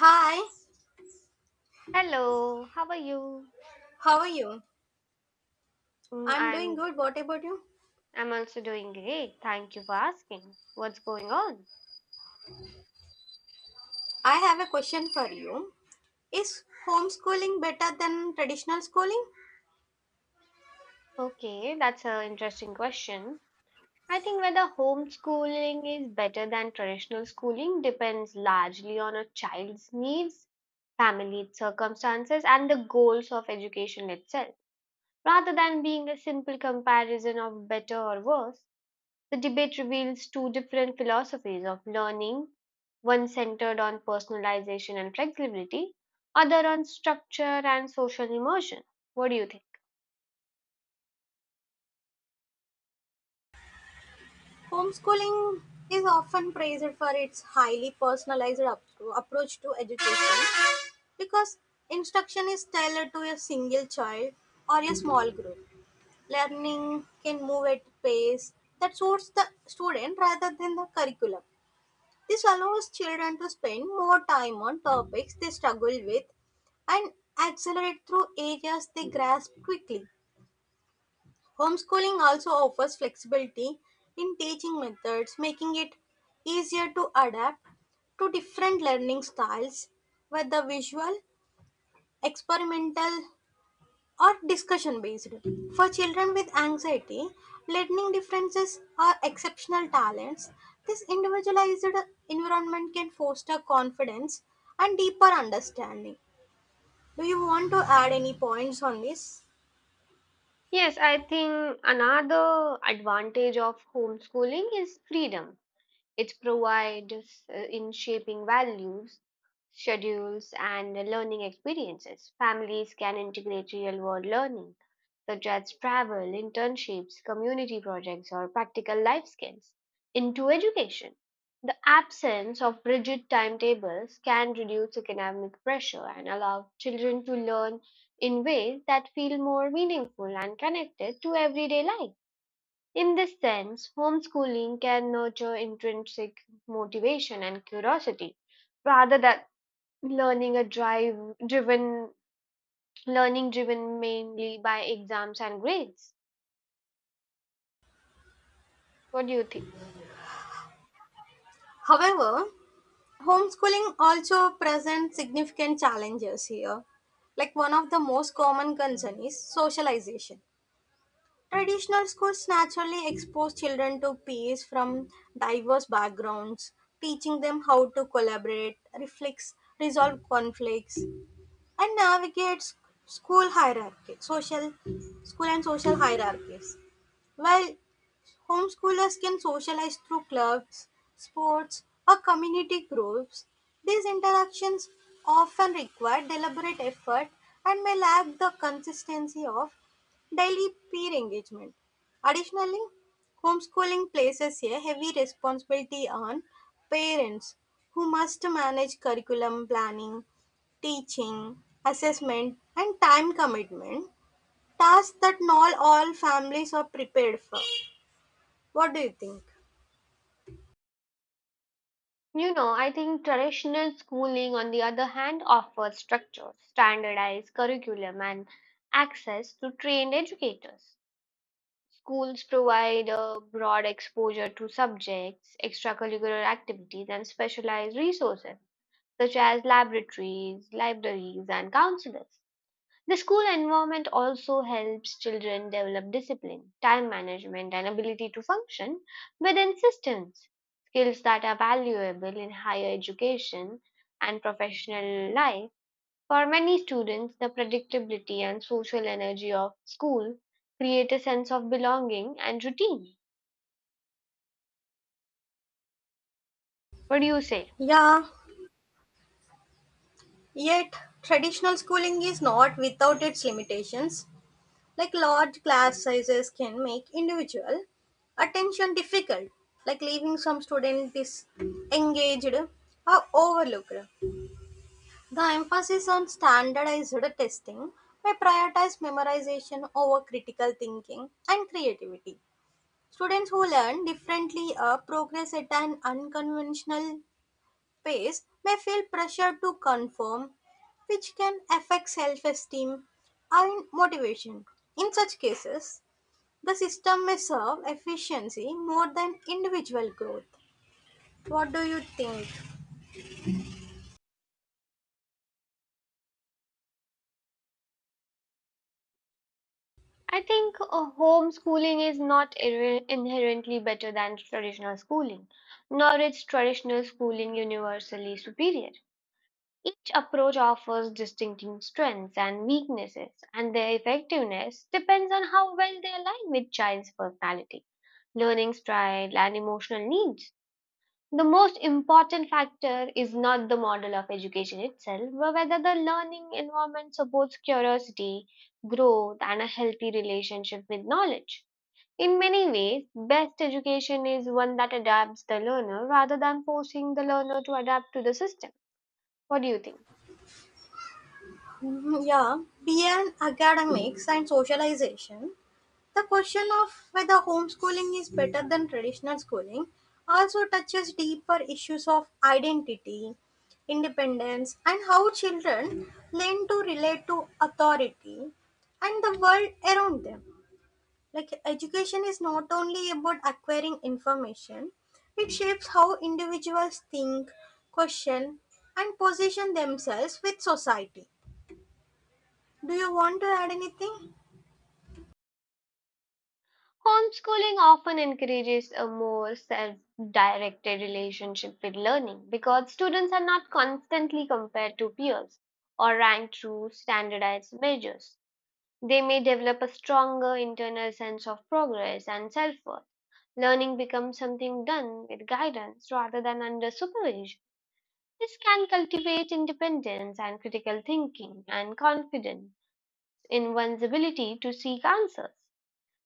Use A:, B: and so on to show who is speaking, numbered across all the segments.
A: Hi,
B: Hello, how are you?
A: how are you?
B: Mm,
A: I'm doing
B: I'm
A: good. What about you?
B: I'm also doing great. Thank you for asking. What's going on?
A: I have a question for you. Is homeschooling better than traditional schooling?
B: Okay, that's an interesting question. I think whether homeschooling is better than traditional schooling depends largely on a child's needs, family circumstances, and the goals of education itself, rather than being a simple comparison of better or worse. The debate reveals two different philosophies of learning, one centered on personalization and flexibility, other on structure and social immersion. What do you think?
A: Homeschooling is often praised for its highly personalized approach to education because instruction is tailored to a single child or a small group. Learning can move at pace that suits the student rather than the curriculum. This allows children to spend more time on topics they struggle with and accelerate through areas they grasp quickly. Homeschooling also offers flexibility in teaching methods, making it easier to adapt to different learning styles, whether visual, experimental, or discussion based. For children with anxiety, learning differences are exceptional talents. This individualized environment can foster confidence and deeper understanding. Do you want to add any points on this?
B: Yes, I think another advantage of homeschooling is freedom. It provides in shaping values, schedules, and learning experiences. Families can integrate real world learning such as travel, internships, community projects, or practical life skills, into education. The absence of rigid timetables can reduce academic pressure and allow children to learn in ways that feel more meaningful and connected to everyday life. In this sense, homeschooling can nurture intrinsic motivation and curiosity rather than learning a drive driven learning driven mainly by exams and grades. What do you think?
A: However, homeschooling also presents significant challenges here. Like one of the most common concern is socialization. Traditional schools naturally expose children to peers from diverse backgrounds, teaching them how to collaborate, reflex, resolve conflicts, and navigate school hierarchy, social school and social hierarchies. While homeschoolers can socialize through clubs, sports, or community groups. These interactions often require deliberate effort and may lack the consistency of daily peer engagement. Additionally, homeschooling places a heavy responsibility on parents who must manage curriculum planning, teaching, assessment, and time commitment, tasks that not all families are prepared for. What do you think?
B: You know, I think traditional schooling, on the other hand, offers structure, standardized curriculum, and access to trained educators. Schools provide a broad exposure to subjects, extracurricular activities, and specialized resources such as laboratories, libraries, and counselors. The school environment also helps children develop discipline, time management, and ability to function within systems, skills that are valuable in higher education and professional life. For many students, the predictability and social energy of school create a sense of belonging and routine. What do you say?
A: Yeah, yet traditional schooling is not without its limitations. Like large class sizes can make individual attention difficult, like leaving some students disengaged or overlooked. The emphasis on standardized testing may prioritize memorization over critical thinking and creativity. Students who learn differently progress at an unconventional space may feel pressure to conform, which can affect self esteem and motivation. In such cases, the system may serve efficiency more than individual growth. What do you think?
B: I think homeschooling is not inherently better than traditional schooling, nor is traditional schooling universally superior. Each approach offers distinctive strengths and weaknesses, and their effectiveness depends on how well they align with child's personality, learning style, and emotional needs. The most important factor is not the model of education itself, but whether the learning environment supports curiosity, growth, and a healthy relationship with knowledge. In many ways, best education is one that adapts the learner rather than forcing the learner to adapt to the system. What do you think?
A: Yeah, beyond academics and socialization, the question of whether homeschooling is better than traditional schooling also touches deeper issues of identity, independence, and how children learn to relate to authority and the world around them. Like, education is not only about acquiring information, it shapes how individuals think, question, and position themselves with society. Do you want to add anything?
B: Homeschooling often encourages a more self directed relationship with learning because students are not constantly compared to peers or ranked through standardized measures. They may develop a stronger internal sense of progress and self worth. Learning becomes something done with guidance rather than under supervision. This can cultivate independence and critical thinking and confidence in one's ability to seek answers.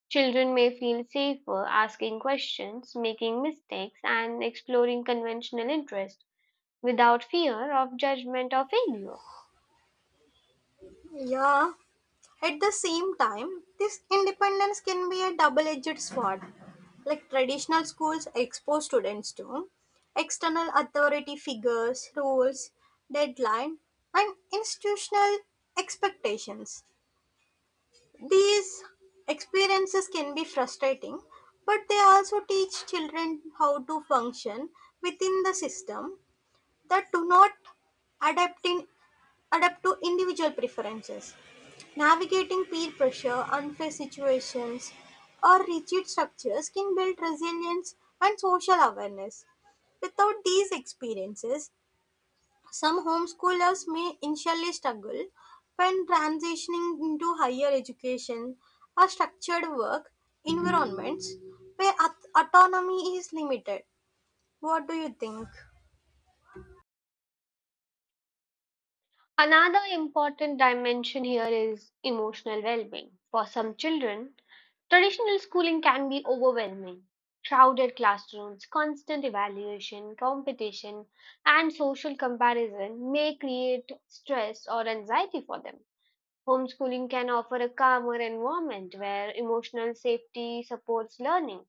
B: Children may feel safer asking questions, making mistakes, and exploring conventional interests without fear of judgment or failure.
A: Yeah. At the same time, this independence can be a double edged sword. Like traditional schools expose students to external authority figures, rules, deadline, and institutional expectations. These experiences can be frustrating, but they also teach children how to function within the system that do not adapt in adapt to individual preferences. Navigating peer pressure, unfair situations, or rigid structures can build resilience and social awareness. Without these experiences, some homeschoolers may initially struggle when transitioning into higher education or structured work environments where autonomy is limited. What do you think?
B: Another important dimension here is emotional well being. For some children, traditional schooling can be overwhelming. Crowded classrooms, constant evaluation, competition, and social comparison may create stress or anxiety for them. Homeschooling can offer a calmer environment where emotional safety supports learning.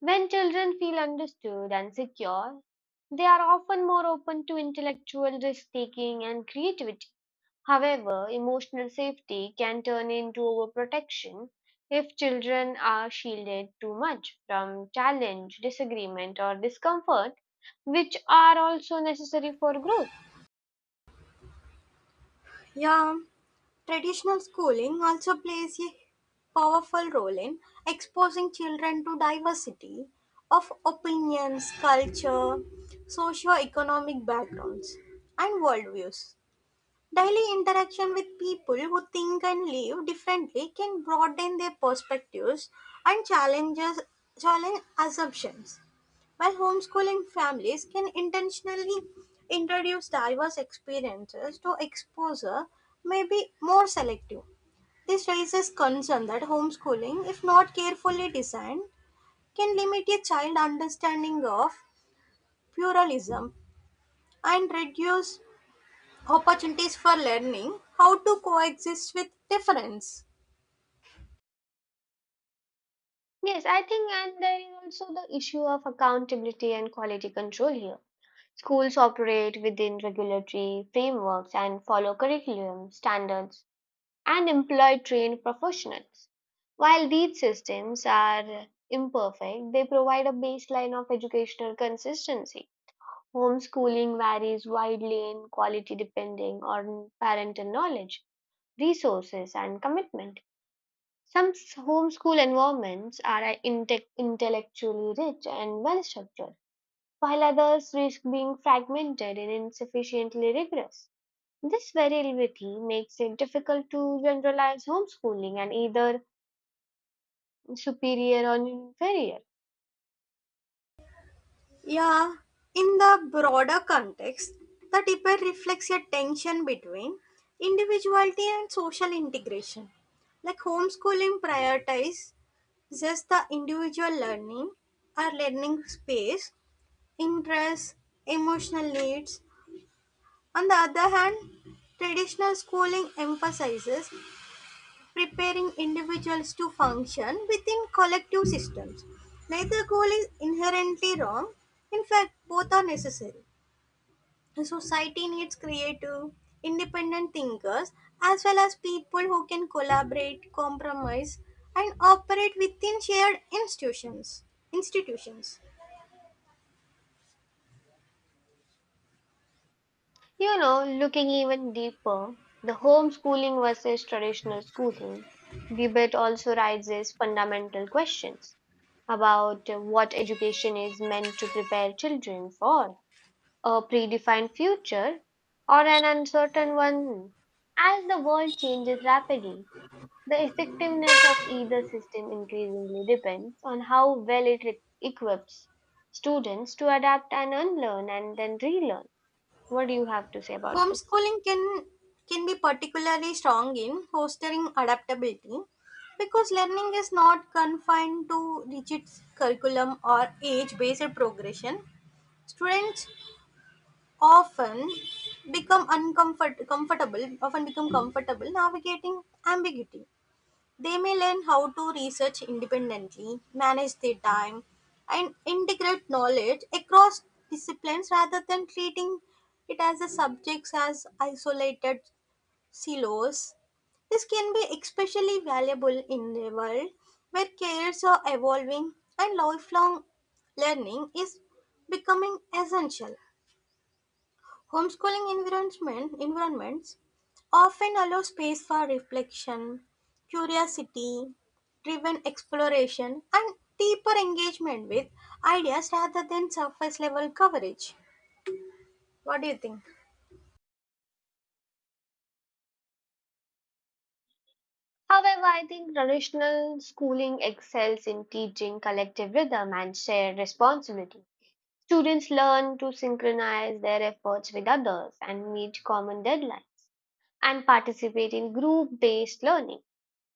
B: When children feel understood and secure, they are often more open to intellectual risk taking and creativity. However, emotional safety can turn into overprotection if children are shielded too much from challenge, disagreement, or discomfort, which are also necessary for growth.
A: Yeah, traditional schooling also plays a powerful role in exposing children to diversity of opinions, culture, socio-economic backgrounds, and worldviews. Daily interaction with people who think and live differently can broaden their perspectives and challenge assumptions. While homeschooling families can intentionally introduce diverse experiences to exposure may be more selective. This raises concern that homeschooling, if not carefully designed, can limit a child's understanding of pluralism and reduce opportunities for learning how to coexist with difference.
B: Yes, I think, and there is also the issue of accountability and quality control here. Schools operate within regulatory frameworks and follow curriculum standards and employ trained professionals. While these systems are imperfect, they provide a baseline of educational consistency. Homeschooling varies widely in quality depending on parental knowledge, resources, and commitment. Some homeschool environments are intellectually rich and well structured while others risk being fragmented and insufficiently rigorous. This variability makes it difficult to generalize homeschooling and either superior or inferior.
A: Yeah, in the broader context, the debate reflects a tension between individuality and social integration. Like homeschooling prioritizes the individual learning or learning space, interests, emotional needs. On the other hand, traditional schooling emphasizes preparing individuals to function within collective systems. Neither goal is inherently wrong. In fact, both are necessary. A society needs creative, independent thinkers as well as people who can collaborate, compromise, and operate within shared institutions. Institutions.
B: You know, looking even deeper, the homeschooling versus traditional schooling debate also raises fundamental questions about what education is meant to prepare children for, a predefined future or an uncertain one. As the world changes rapidly, the effectiveness of either system increasingly depends on how well it equips students to adapt and unlearn and then relearn. What do you have to say about this?
A: Homeschooling can be particularly strong in fostering adaptability because learning is not confined to rigid curriculum or age-based progression. Students often become comfortable navigating ambiguity they may learn how to research independently, manage their time, and integrate knowledge across disciplines rather than treating it as a subjects as isolated silos. This can be especially valuable in a world where careers are evolving and lifelong learning is becoming essential. Environments often allow space for reflection, curiosity, driven exploration, and deeper engagement with ideas rather than surface level coverage. What do you think?
B: However, I think traditional schooling excels in teaching collective rhythm and shared responsibility. Students learn to synchronize their efforts with others and meet common deadlines and participate in group based learning.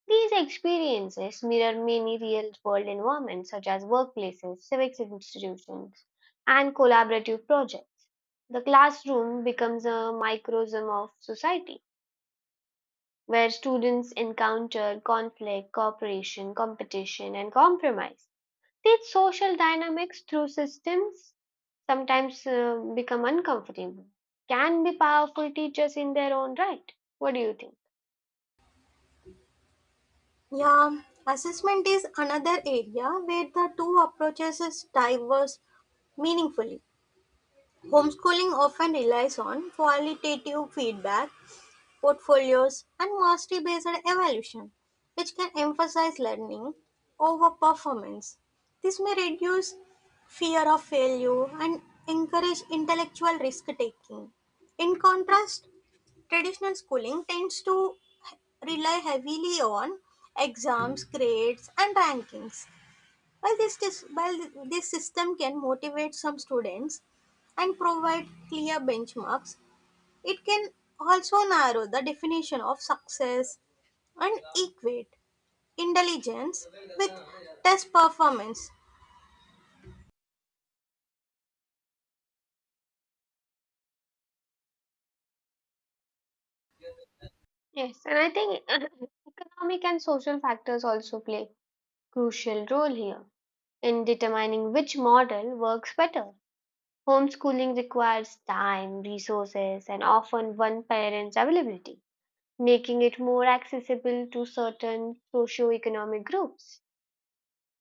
B: These experiences mirror many real world environments such as workplaces, civic institutions, and collaborative projects. The classroom becomes a microcosm of society where students encounter conflict, cooperation, competition, and compromise. These social dynamics through systems sometimes become uncomfortable, can be powerful teachers in their own right. What do you think?
A: Yeah, assessment is another area where the two approaches is diverse meaningfully. Homeschooling often relies on qualitative feedback portfolios, and mastery based evaluation, which can emphasize learning over performance. This may reduce fear of failure and encourage intellectual risk taking. In contrast, traditional schooling tends to rely heavily on exams, grades, and rankings. While this system can motivate some students and provide clear benchmarks, it can also narrow the definition of success and equate intelligence with test performance.
B: Yes, and I think economic and social factors also play crucial role here in determining which model works better. Homeschooling requires time, resources, and often one parent's availability, making it more accessible to certain socioeconomic groups.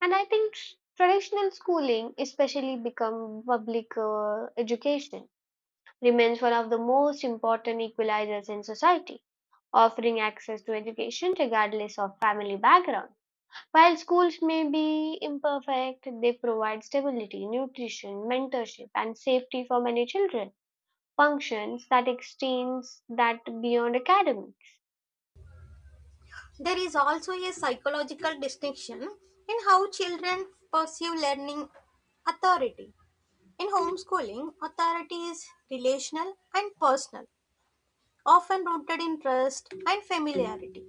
B: And I think traditional schooling, especially become public education, remains one of the most important equalizers in society, offering access to education regardless of family background. While schools may be imperfect, they provide stability, nutrition, mentorship, and safety for many children. Functions that extend that beyond academics.
A: There is also a psychological distinction in how children perceive learning authority. In homeschooling, authority is relational and personal, often rooted in trust and familiarity.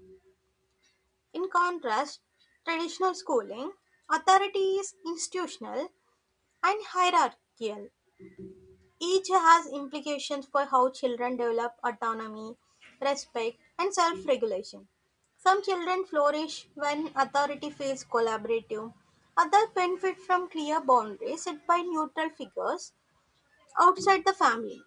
A: In contrast, traditional schooling, authority is institutional and hierarchical. Each has implications for how children develop autonomy, respect, and self regulation. Some children flourish when authority feels collaborative, others benefit from clear boundaries set by neutral figures outside the family.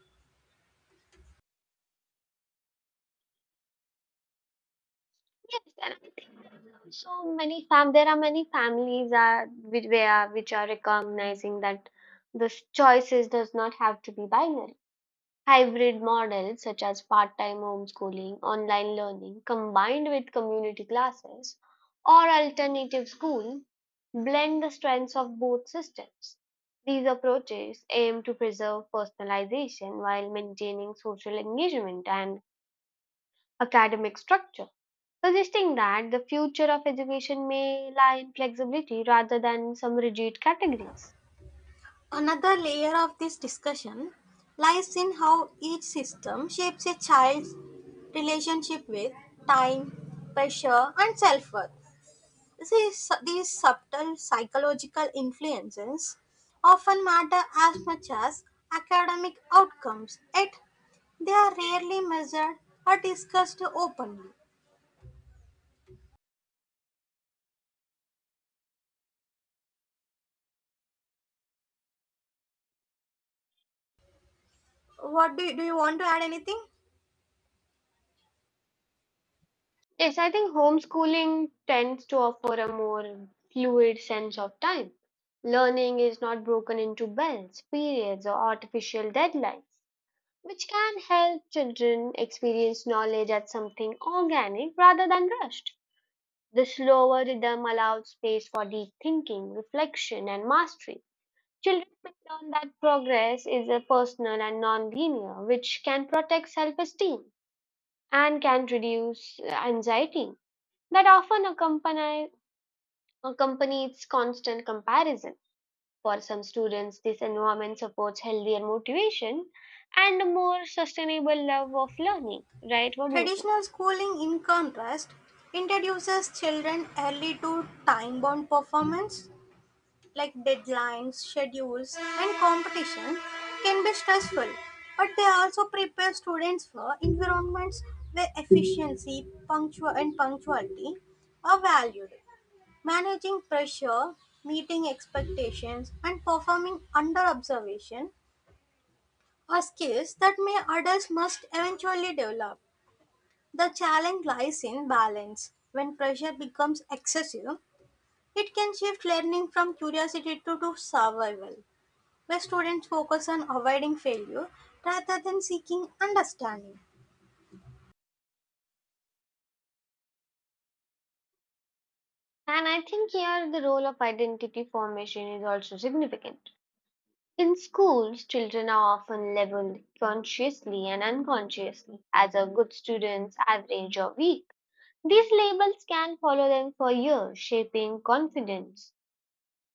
B: Yes, and I think so many fam there are many families are which, where, which are recognizing that the choices does not have to be binary. Hybrid models such as part-time homeschooling, online learning combined with community classes or alternative school blend the strengths of both systems. These approaches aim to preserve personalization while maintaining social engagement and academic structure, suggesting that the future of education may lie in flexibility rather than some rigid categories.
A: Another layer of this discussion lies in how each system shapes a child's relationship with time, pressure, and self worth. These subtle psychological influences often matter as much as academic outcomes, yet they are rarely measured or discussed openly. Do you want to add anything?
B: Yes, I think homeschooling tends to offer a more fluid sense of time. Learning is not broken into bells, periods, or artificial deadlines, which can help children experience knowledge as something organic rather than rushed. The slower rhythm allows space for deep thinking, reflection, and mastery. Children may learn that progress is a personal and non-linear, which can protect self-esteem and can reduce anxiety that accompanies constant comparison. For some students, this environment supports healthier motivation and a more sustainable love of learning, right? What do you think?
A: Traditional schooling, in contrast, introduces children early to time bound performance like deadlines, schedules, and competition can be stressful, but they also prepare students for environments where efficiency, punctual, and punctuality are valued. Managing pressure, meeting expectations, and performing under observation are skills that may adults must eventually develop. The challenge lies in balance. When pressure becomes excessive, it can shift learning from curiosity to survival where students focus on avoiding failure rather than seeking understanding.
B: And I think here the role of identity formation is also significant. In schools, children are often labeled consciously and unconsciously as a good student, average, or weak. These labels can follow them for years, shaping confidence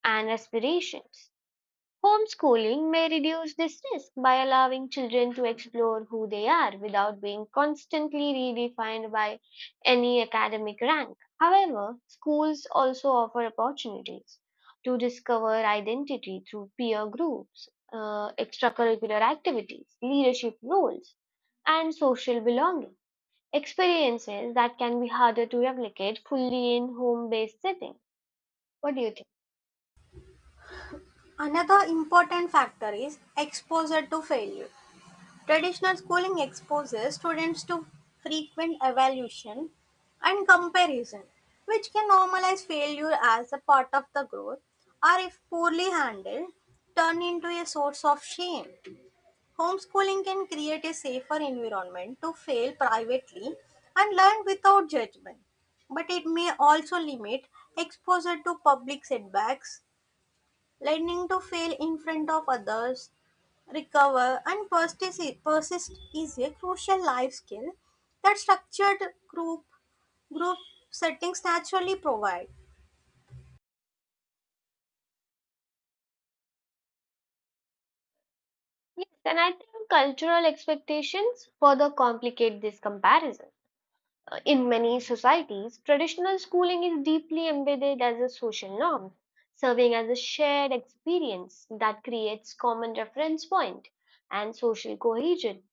B: and aspirations. Homeschooling may reduce this risk by allowing children to explore who they are without being constantly redefined by any academic rank. However, schools also offer opportunities to discover identity through peer groups, extracurricular activities, leadership roles, and social belonging, experiences that can be harder to replicate fully in home based setting. What do you think?
A: Another important factor is exposure to failure. Traditional schooling exposes students to frequent evaluation and comparison, which can normalize failure as a part of the growth, or if poorly handled, turn into a source of shame. Homeschooling can create a safer environment to fail privately and learn without judgment, but it may also limit exposure to public setbacks, learning to fail in front of others, recover, and persist is a crucial life skill that structured group settings naturally provide.
B: Yes, and I think cultural expectations further complicate this comparison. In many societies, traditional schooling is deeply embedded as a social norm, serving as a shared experience that creates common reference point and social cohesion.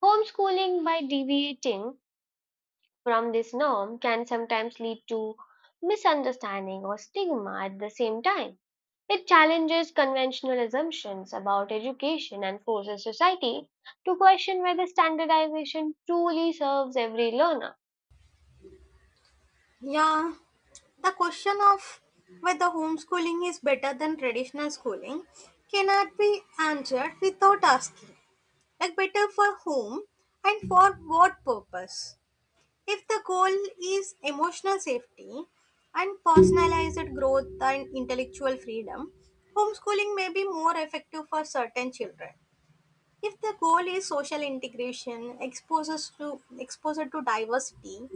B: Homeschooling, by deviating from this norm, can sometimes lead to misunderstanding or stigma at the same time. It challenges conventional assumptions about education and forces society to question whether standardization truly serves every learner.
A: Yeah, the question of whether homeschooling is better than traditional schooling cannot be answered without asking, like better for whom and for what purpose. If the goal is emotional safety and personalized growth and intellectual freedom, homeschooling may be more effective for certain children. If the goal is social integration, exposure to diversity,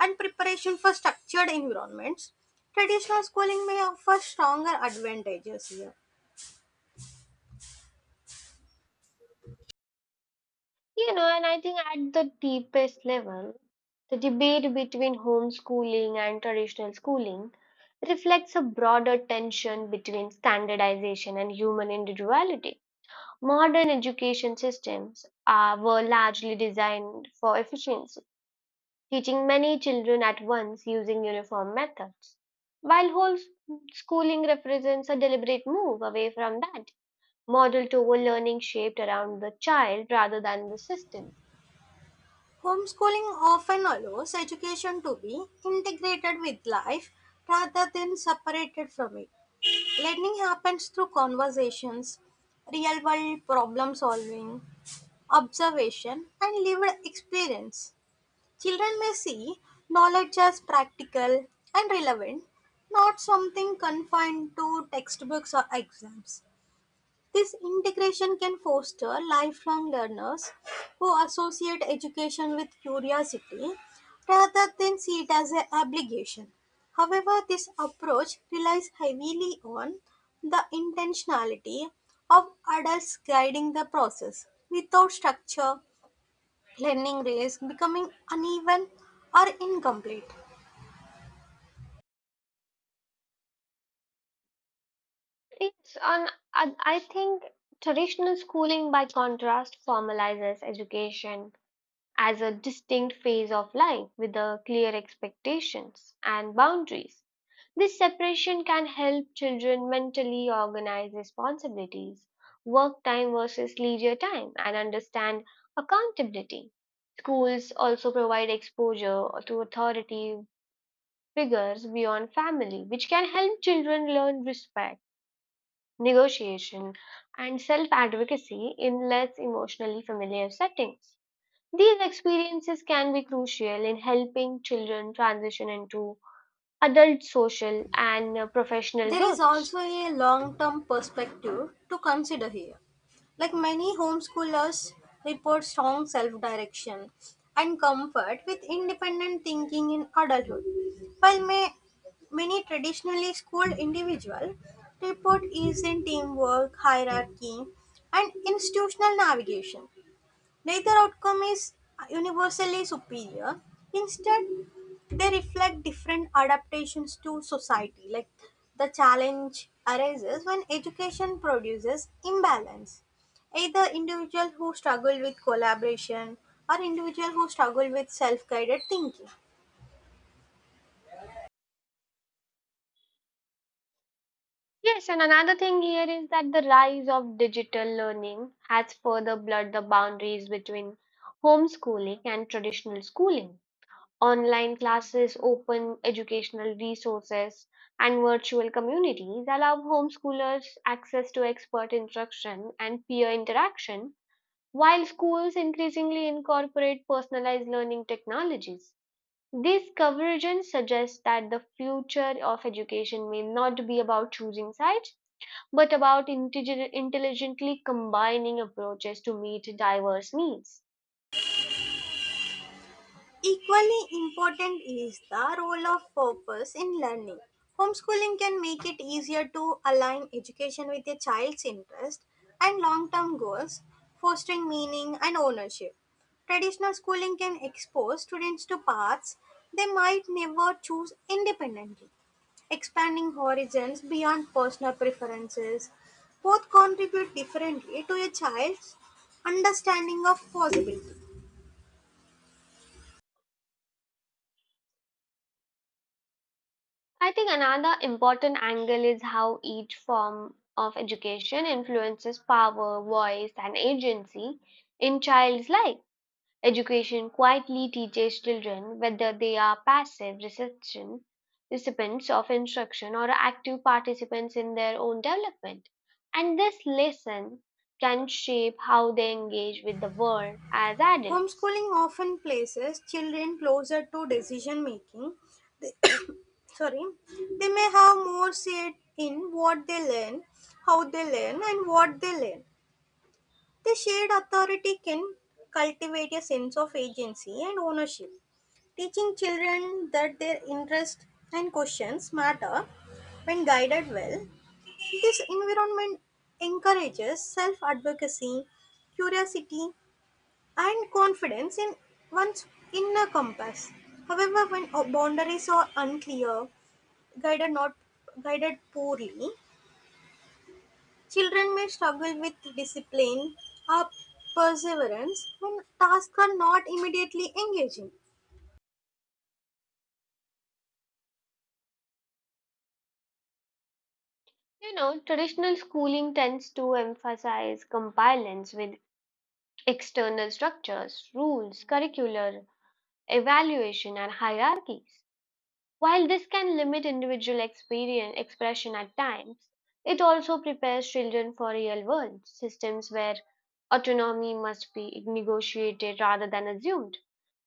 A: and preparation for structured environments, traditional schooling may offer stronger advantages here.
B: You know, and I think at the deepest level, the debate between homeschooling and traditional schooling reflects a broader tension between standardization and human individuality. Modern education systems are, were largely designed for efficiency teaching many children at once using uniform methods. While whole schooling represents a deliberate move away from that model toward learning shaped around the child rather than the system.
A: Homeschooling often allows education to be integrated with life rather than separated from it. Learning happens through conversations, real world problem solving, observation, and lived experience. Children may see knowledge as practical and relevant, not something confined to textbooks or exams. This integration can foster lifelong learners who associate education with curiosity rather than see it as an obligation. However, this approach relies heavily on the intentionality of adults guiding the process. Without structure, lending risk becoming uneven or incomplete.
B: It's on I think traditional schooling, by contrast, formalizes education as a distinct phase of life with the clear expectations and boundaries. This separation can help children mentally organize responsibilities, work time versus leisure time, and understand accountability. Schools also provide exposure to authority figures beyond family, which can help children learn respect, negotiation, and self advocacy in less emotionally familiar settings. These experiences can be crucial in helping children transition into adult social and professional
A: There is
B: roles.
A: also a long term perspective to consider here. Like many homeschoolers report strong self direction and comfort with independent thinking in adulthood, while may, many traditionally schooled individuals report ease in teamwork, hierarchy, and institutional navigation. Neither outcome is universally superior. Instead, they reflect different adaptations to society. Like the challenge arises when education produces imbalance. Either individual who struggle with collaboration or individual who struggle with self-guided thinking.
B: Yes, and another thing here is that the rise of digital learning has further blurred the boundaries between homeschooling and traditional schooling. Online classes, open educational resources, and virtual communities allow homeschoolers access to expert instruction and peer interaction, while schools increasingly incorporate personalized learning technologies. This convergence suggests that the future of education may not be about choosing sides but about intelligently combining approaches to meet diverse needs.
A: Equally important is the role of purpose in learning. Homeschooling can make it easier to align education with a child's interest and long term goals, fostering meaning and ownership. Traditional schooling can expose students to paths they might never choose independently, expanding horizons beyond personal preferences. Both contribute differently to a child's understanding of possibility.
B: I think another important angle is how each form of education influences power, voice, and agency in child's life. Education quietly teaches children whether they are passive reception, recipients of instruction or active participants in their own development. And this lesson can shape how they engage with the world as adults.
A: Homeschooling often places children closer to decision making. They, sorry, they may have more say in what they learn, how they learn, and what they learn. The shared authority can cultivate a sense of agency and ownership. Teaching children that their interests and questions matter when guided well. This environment encourages self advocacy, curiosity, and confidence in one's inner compass. However, when boundaries are unclear, guided not guided poorly, children may struggle with discipline or perseverance when tasks are not immediately engaging.
B: You know, traditional schooling tends to emphasize compliance with external structures, rules, curricular evaluation, and hierarchies. While this can limit individual experience expression at times, it also prepares children for real world systems where autonomy must be negotiated rather than assumed.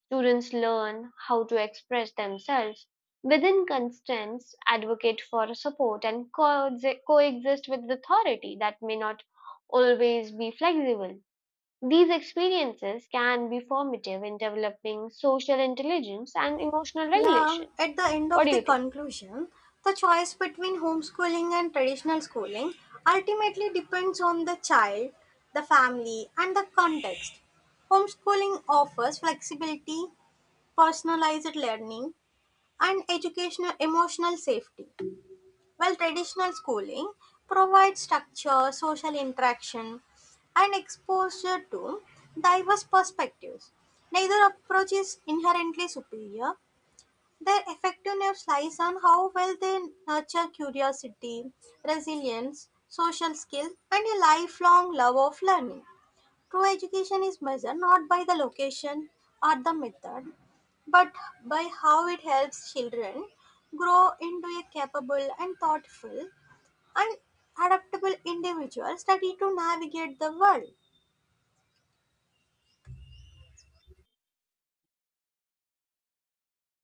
B: Students learn how to express themselves within constraints, advocate for support, and coexist with authority that may not always be flexible. These experiences can be formative in developing social intelligence and emotional
A: Yeah,
B: regulation.
A: at the end
B: What
A: of
B: do you
A: the
B: think?
A: conclusion, the choice between homeschooling and traditional schooling ultimately depends on the child, the family, and the context. Homeschooling offers flexibility personalized learning, and educational emotional safety. While traditional schooling provides structure, social interaction, and exposure to diverse perspectives, neither approach is inherently superior. Their effectiveness lies on how well they nurture curiosity, resilience, social skills, and a lifelong love of learning. True education is measured not by the location or the method, but by how it helps children grow into a capable and thoughtful and adaptable individuals ready to navigate the world.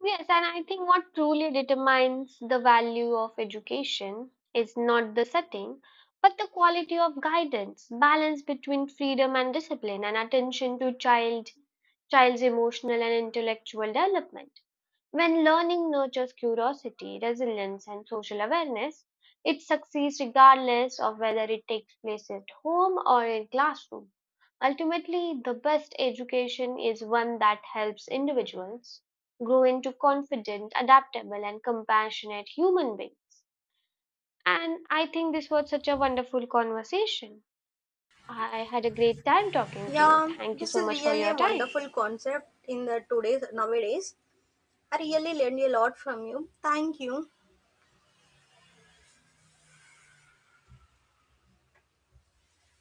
B: Yes, and I think what truly determines the value of education is not the setting, but the quality of guidance, balance between freedom and discipline, and attention to child's emotional and intellectual development. When learning nurtures curiosity, resilience, and social awareness, it succeeds regardless of whether it takes place at home or in classroom. Ultimately, the best education is one that helps individuals grow into confident, adaptable, and compassionate human beings. And I think this was such a wonderful conversation. I had a great time talking to you.
A: Yeah,
B: Thank you
A: this
B: so
A: is
B: much for
A: really
B: your
A: a
B: time.
A: wonderful concept in the today's nowadays. I really learned a lot from you. Thank you.